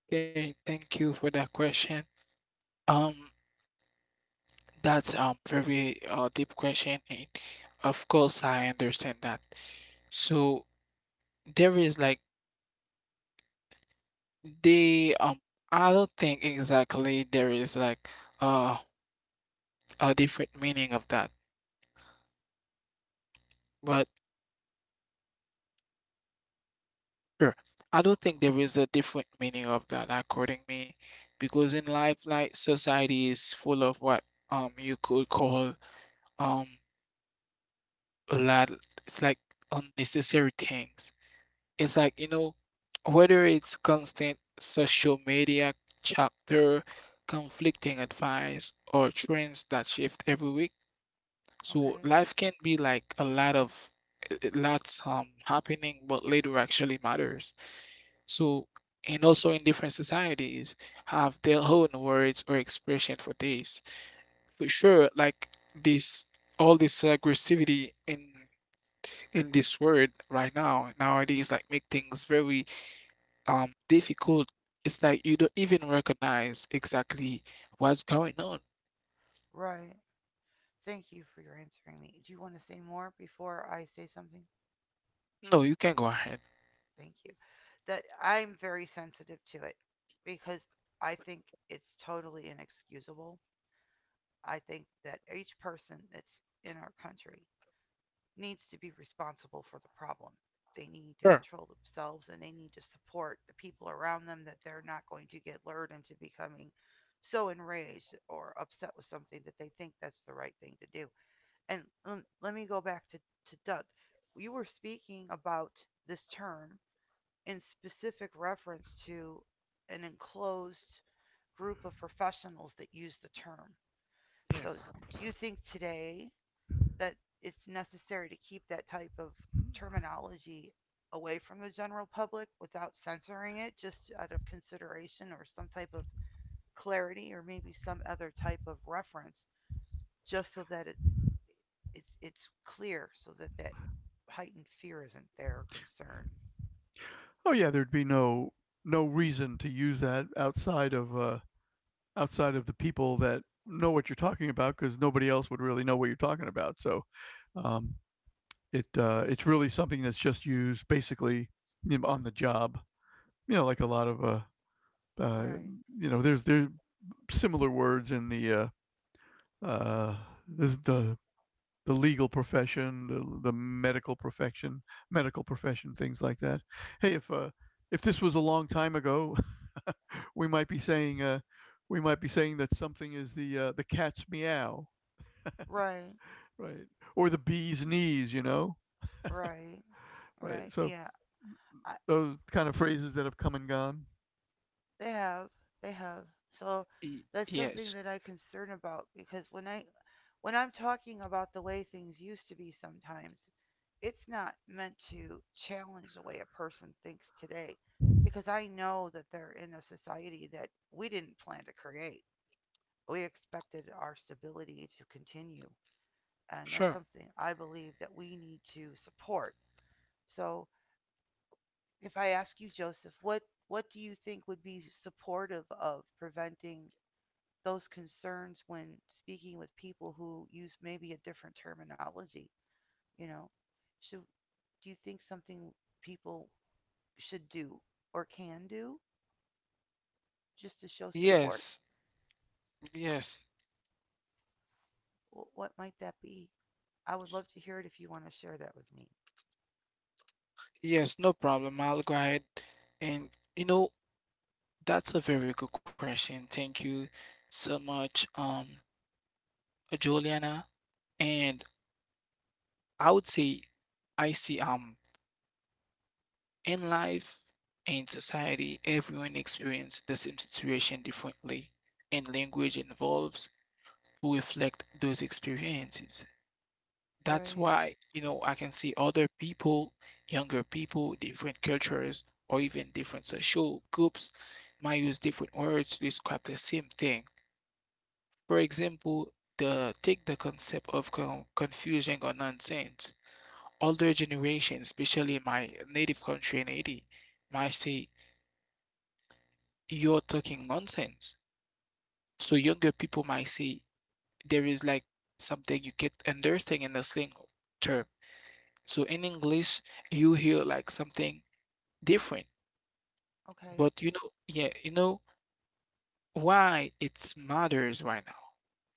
C: Okay, thank you for that question. Um, That's um very uh, deep question, and of course I understand that. So there is like they um I don't think exactly there is like uh a different meaning of that, but sure I don't think there is a different meaning of that according me, because in life like society is full of what um you could call um a lot, it's like unnecessary things. It's like, you know, whether it's constant social media chapter, conflicting advice, or trends that shift every week. So
A: okay,
C: life can be like a lot of uh, lots um happening, but little actually matters. So and also in different societies have their own words or expression for this. For sure, like this all this aggressivity in in this world right now nowadays like make things very um difficult. It's like you don't even recognize exactly what's going on.
A: right. Thank you for your answering me. Do you want to say more before I say something?
C: No, you can go ahead.
A: Thank you. That I'm very sensitive to it because I think it's totally inexcusable. I think that each person that's in our country needs to be responsible for the problem. They need to
C: Sure.
A: control themselves and they need to support the people around them that they're not going to get lured into becoming so enraged or upset with something that they think that's the right thing to do. And um, let me go back to, to Doug. You were speaking about this term in specific reference to an enclosed group of professionals that use the term. So,
C: Yes.
A: do you think today that it's necessary to keep that type of terminology away from the general public without censoring it, just out of consideration or some type of clarity or maybe some other type of reference just so that it it's it's clear so that that heightened fear isn't there or concern.
B: Oh yeah, there'd be no no reason to use that outside of uh, outside of the people that know what you're talking about because nobody else would really know what you're talking about. So um, it uh, it's really something that's just used basically, you know, on the job. You know, like a lot of uh, uh,
A: Right.
B: you know, there's there's similar words in the uh, uh, this the the legal profession, the, the medical profession, medical profession, things like that. Hey, if uh, if this was a long time ago, we might be saying uh, we might be saying that something is the uh, the cat's meow,
A: Right.
B: right, or the bee's knees, you know,
A: Right.
B: right.
A: Right.
B: So
A: Yeah. I,
B: those kind of phrases that have come and gone.
A: they have. They have. So
C: Y-
A: that's
C: yes.
A: something that I concern about because when I when I'm talking about the way things used to be sometimes, it's not meant to challenge the way a person thinks today because I know that they're in a society that we didn't plan to create. We expected our stability to continue. And that's
C: Sure.
A: something I believe that we need to support. So if I ask you, Joseph, what, what do you think would be supportive of preventing those concerns when speaking with people who use maybe a different terminology? You know, should, do you think something people should do or can do just to show support?
C: Yes. Yes.
A: What might that be? I would love to hear it if you want to share that with me.
C: Yes. No problem. I'll go ahead. And you know, that's a very good question. Thank you so much, um, Juliana. And I would say I see um in life, in society, everyone experiences the same situation differently and language involves to reflect those experiences. That's
A: Right.
C: why, you know, I can see other people, younger people, different cultures, or even different social groups might use different words to describe the same thing. For example, the take the concept of con- confusion or nonsense. Older generations, especially in my native country in Haiti, might say you're talking nonsense. So younger people might say there is like something you get understand in the slang term. So in English, you hear like something different.
A: Okay.
C: But you know, yeah, you know why it matters right now?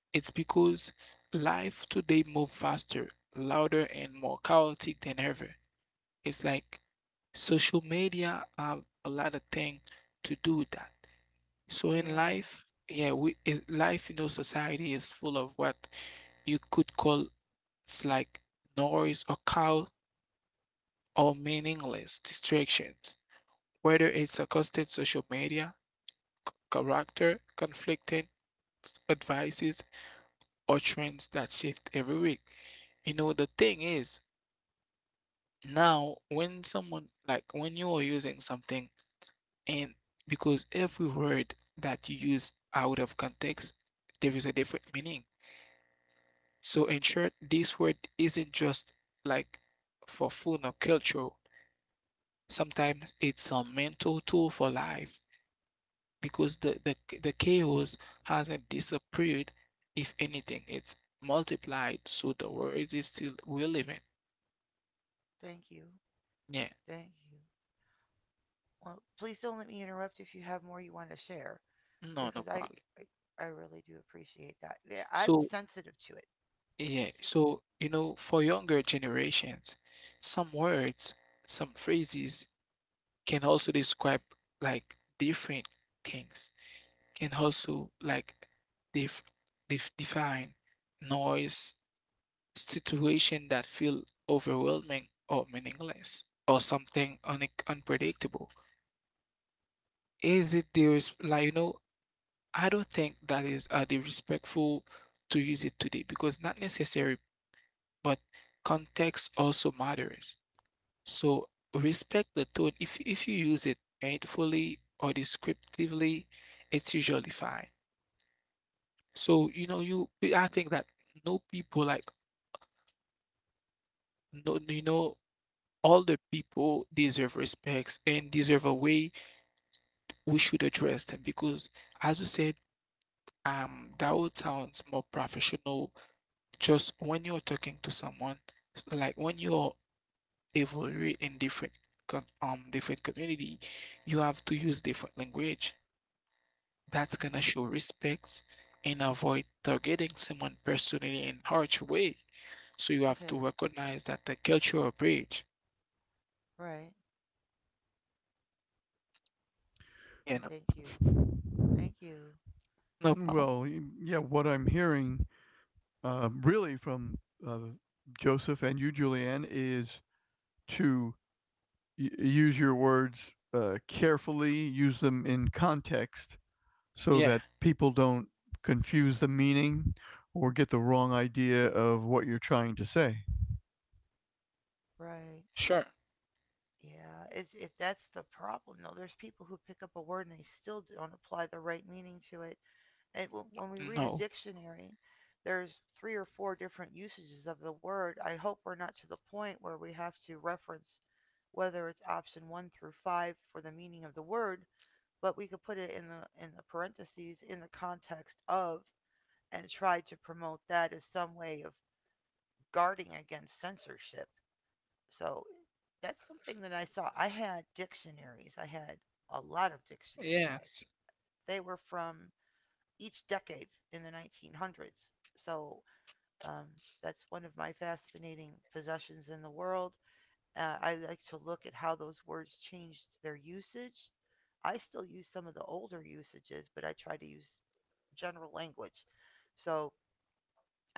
C: It's because life today move faster, louder, and more chaotic than ever. It's like social media have a lot of thing to do with that. So in
A: Yeah,
C: life, yeah, we it, life in our society is full of what you could call, it's like noise or cow or meaningless distractions. Whether it's a social media, character, conflicting advices, or trends that shift every week. You know, the thing is, now when someone, like when you are using something, and because every word that you use out of context, there is a different meaning. So, in short, this word isn't just like for fun or culture. Sometimes it's a mental tool for life, because the the the chaos hasn't disappeared. If anything, it's multiplied, so the word is still relevant.
A: thank you.
C: Yeah,
A: Thank you. Well, please don't let me interrupt if you have more you want to share
C: no, no
A: because I
C: problem.
A: I, I really do appreciate that. Yeah, I'm
C: So
A: sensitive to it.
C: yeah,
A: Thank you.
C: so you know, for younger generations, some words, some phrases can also describe like different things. Can also like def def define noise, situation that feel overwhelming or meaningless or something un- unpredictable. Is it the res- Like, you know, I don't think that is uh, the respectful to use it today because not necessary, but context also matters. So respect the tone. if if you use it painfully or descriptively, it's usually fine. So you know, you I think that no people like, no, you know, all the people deserve respects and deserve a way we should address them, because as you said, um that would sound more professional. Just when you're talking to someone, like when you're evaluating in different com- um different community, you have to use different language that's
A: Okay.
C: gonna show respect and avoid targeting someone personally in harsh way. So you have to
A: Okay.
C: recognize that the cultural bridge,
A: Right.
C: you know.
A: Thank you. Thank you.
C: No problem.
B: Well, yeah, what I'm hearing um, really from uh, Joseph and you, Julianne, is to y- use your words uh, carefully, use them in context so
C: Yeah,
B: that people don't confuse the meaning or get the wrong idea of what you're trying to say.
C: sure.
A: Right. Yeah. It's it That's the problem though. There's people who pick up a word and they still don't apply the right meaning to it. And w- when we read
C: No.
A: a dictionary, there's three or four different usages of the word. I hope we're not to the point where we have to reference whether it's option one through five for the meaning of the word, but we could put it in the in the parentheses in the context of and try to promote that as some way of guarding against censorship. So that's something that I saw. I had dictionaries. I had a lot of
C: Yes.
A: dictionaries. I, they were from each decade in the nineteen hundreds. So um, that's one of my fascinating possessions in the world. Uh, I like to look at how those words changed their usage. I still use some of the older usages, but I try to use general language. So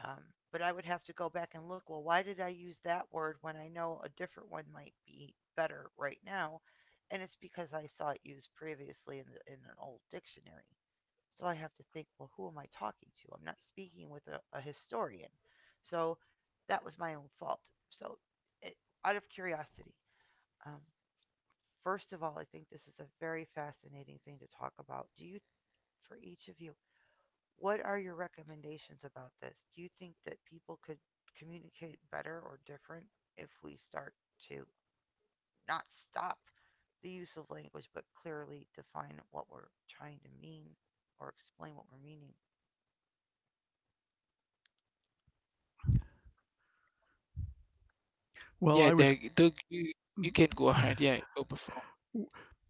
A: um, but I would have to go back and look. Well, why did I use that word when I know a different one might be better right now? And it's because I saw it used previously in, the, in an old dictionary. So I have to think, well, who am I talking to? I'm not speaking with a, a historian. So that was my own fault. So, it, out of curiosity, um, first of all, I think this is a very fascinating thing to talk about. Do you, for each of you, what are your recommendations about this? Do you think that people could communicate better or different if we start to not stop the use of language, but clearly define what we're trying to mean or explain what we're meaning?
C: Yeah,
B: Well, I
C: there
B: would
C: do you You can go ahead. Yeah, go before.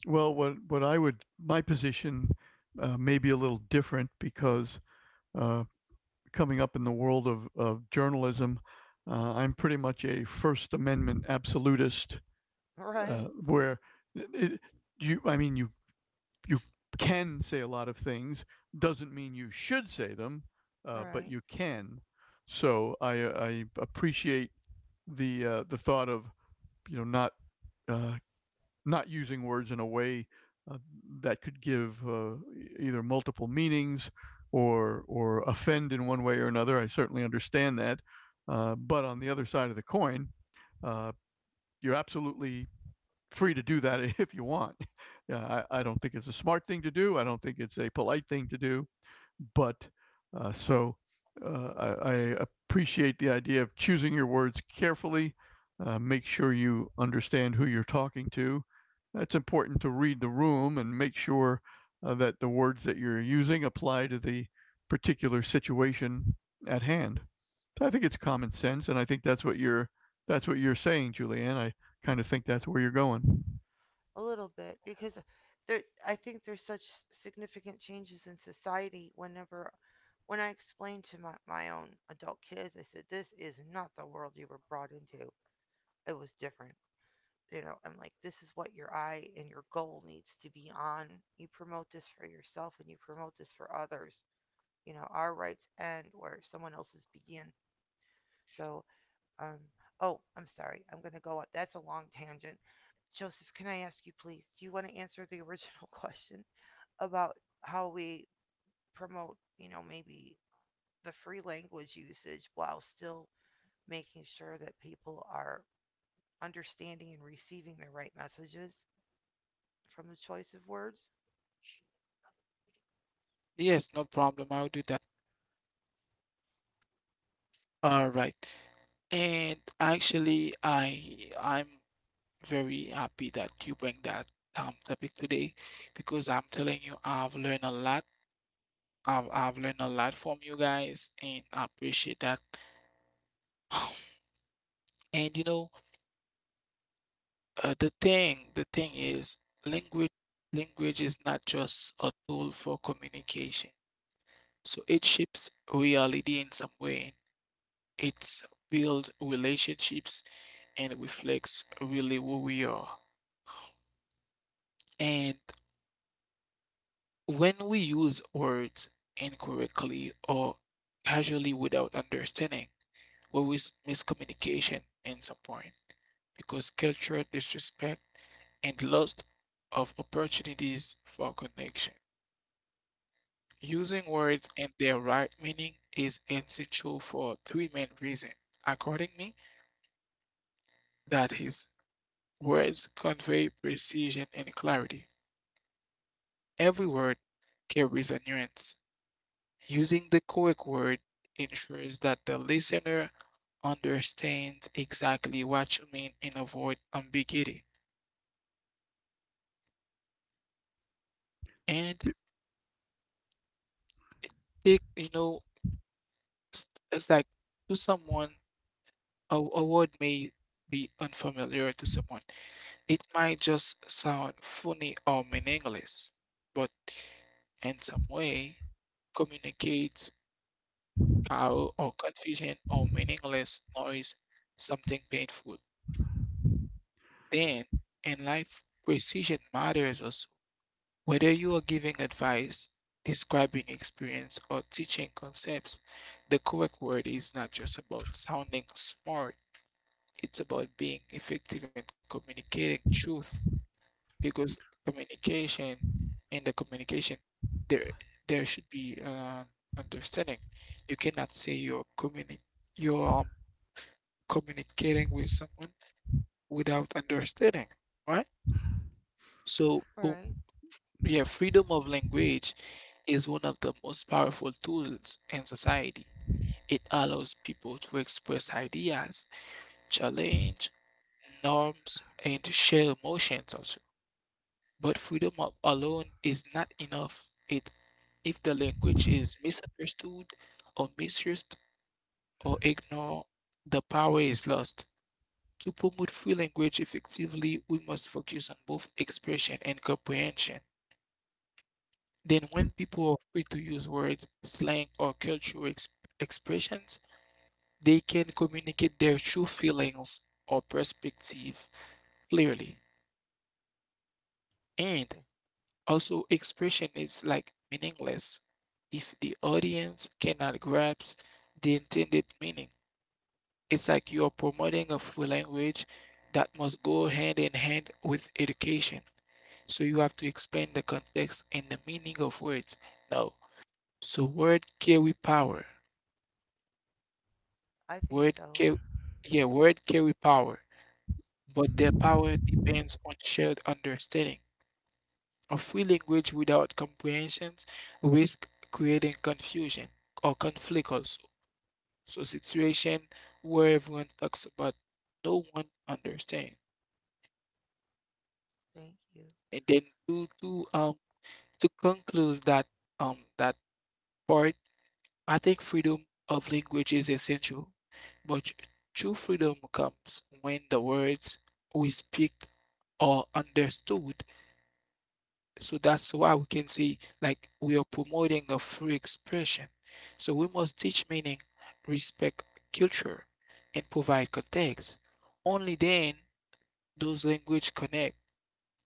B: well what what I would my position uh, may be a little different because uh, coming up in the world of, of journalism, uh, I'm pretty much a First Amendment absolutist, uh,
A: Right,
B: where it, you, I mean, you you can say a lot of things. Doesn't mean you should say them, uh, but
A: right.
B: you can. So I I appreciate the uh, the thought of you know not uh, not using words in a way uh, that could give uh, e-, either multiple meanings or or offend in one way or another. I certainly understand that, uh, but on the other side of the coin, uh, you're absolutely free to do that if you want. Yeah, I, I don't think it's a smart thing to do. I don't think it's a polite thing to do. But uh, so uh, I, I appreciate the idea of choosing your words carefully. Uh, make sure you understand who you're talking to. It's important to read the room and make sure uh, that the words that you're using apply to the particular situation at hand. So I think it's common sense, and I think that's what you're that's what you're saying, Julianne. I kind of think that's where you're going.
A: A little bit because there, I think there's such significant changes in society whenever when I explained to my, my own adult kids, I said, This is not the world you were brought into. It was different. You know, I'm like, this is what your eye and your goal needs to be on. You promote this for yourself and you promote this for others. You know, our rights end where someone else's begin. So um oh, I'm sorry, I'm going to go on, that's a long tangent. Joseph, can I ask you, please, do you want to answer the original question about how we promote, you know, maybe the free language usage while still making sure that people are understanding and receiving the right messages from the choice of words?
C: Yes, no problem. I'll do that. All right. And actually I I'm very happy that you bring that um topic today, because I'm telling you I've learned a lot. I've I've learned a lot from you guys and I appreciate that. And you know, uh, the thing the thing is, language language is not just a tool for communication. So it shapes reality in some way. It builds relationships and reflects really who we are. And when we use words incorrectly or casually without understanding, we risk miscommunication in some point, because cultural disrespect and loss of opportunities for connection. Using words in their right meaning is essential for three main reasons. According to me, that is: words convey precision and clarity. Every word carries a nuance. Using the correct word ensures that the listener understands exactly what you mean and avoid ambiguity. And take, you know, s- it's like to someone, a, a word may be unfamiliar to someone. It might just sound funny or meaningless, but in some way communicates cow or confusion or meaningless noise, something painful. Then, in life, precision matters also. Whether you are giving advice, describing experience, or teaching concepts, the correct word is not just about sounding smart, it's about being effective and communicating truth, because communication in the communication there there should be uh, understanding. You cannot say you're communi- you're um. communicating with someone without understanding, right? So, oh,
A: Right.
C: yeah, freedom of language is one of the most powerful tools in society. It allows people to express ideas, challenge norms, and share emotions also. But freedom of alone is not enough. It If the language is misunderstood or misused or ignored, the power is lost. To promote free language effectively, we must focus on both expression and comprehension. Then, when people are free to use words, slang, or cultural ex- expressions, they can communicate their true feelings or perspective clearly. And also, expression is like meaningless if the audience cannot grasp the intended meaning. It's like you're promoting a free language that must go hand in hand with education. So you have to explain the context and the meaning of words. Now, so word carry power.
A: I think
C: Word
A: so.
C: carry Yeah, word carry power, but their power depends on shared understanding. A free language without comprehensions risk creating confusion or conflict also. So situation where everyone talks about, no one understands.
A: Thank you.
C: And then to to um to conclude that um that part, I think freedom of language is essential, but true freedom comes when the words we speak are understood. So that's why we can say, like, we are promoting a free expression. So we must teach meaning, respect culture, and provide context. Only then those language connect,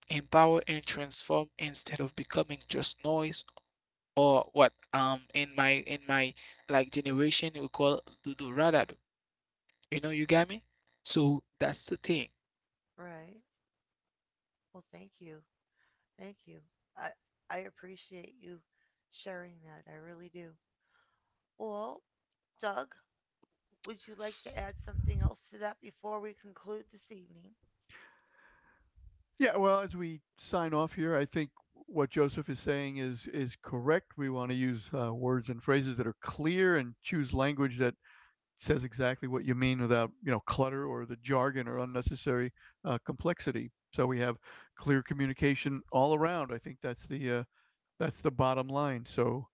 C: empower, and transform instead of becoming just noise or what um in my in my like generation we call do do rada. You know, you got me? So that's the thing.
A: Right. Well, thank you. Thank you. I I appreciate you sharing that. I really do. Well, Doug, would you like to add something else to that before we conclude this evening?
B: Yeah, well, as we sign off here, I think what Joseph is saying is is correct. We want to use uh, words and phrases that are clear and choose language that says exactly what you mean without you know clutter or the jargon or unnecessary uh, complexity. So we have clear communication all around. I think that's the uh, that's the bottom line. So,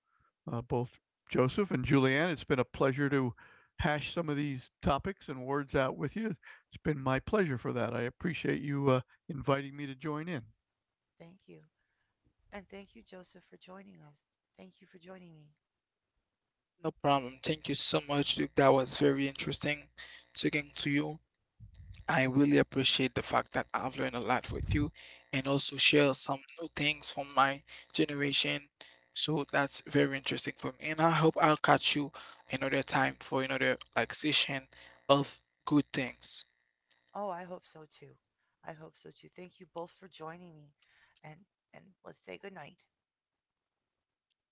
B: uh, both Joseph and Julianne, it's been a pleasure to hash some of these topics and words out with you. It's been my pleasure for that. I appreciate you uh, inviting me to join in.
A: Thank you. And thank you, Joseph, for joining us. Thank you for joining me.
C: No problem. Thank you so much, Duke. That was very interesting talking to you. I really appreciate the fact that I've learned a lot with you and also share some new things from my generation. So that's very interesting for me. And I hope I'll catch you another time for another like session of good things.
A: Oh, I hope so too. I hope so too. Thank you both for joining me. And and let's say good night.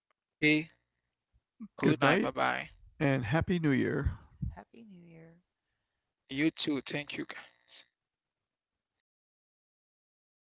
C: Okay. Good night.
B: Good
C: Bye
B: night
C: bye.
B: and Happy New Year.
A: Happy New Year.
C: You too. Thank you guys.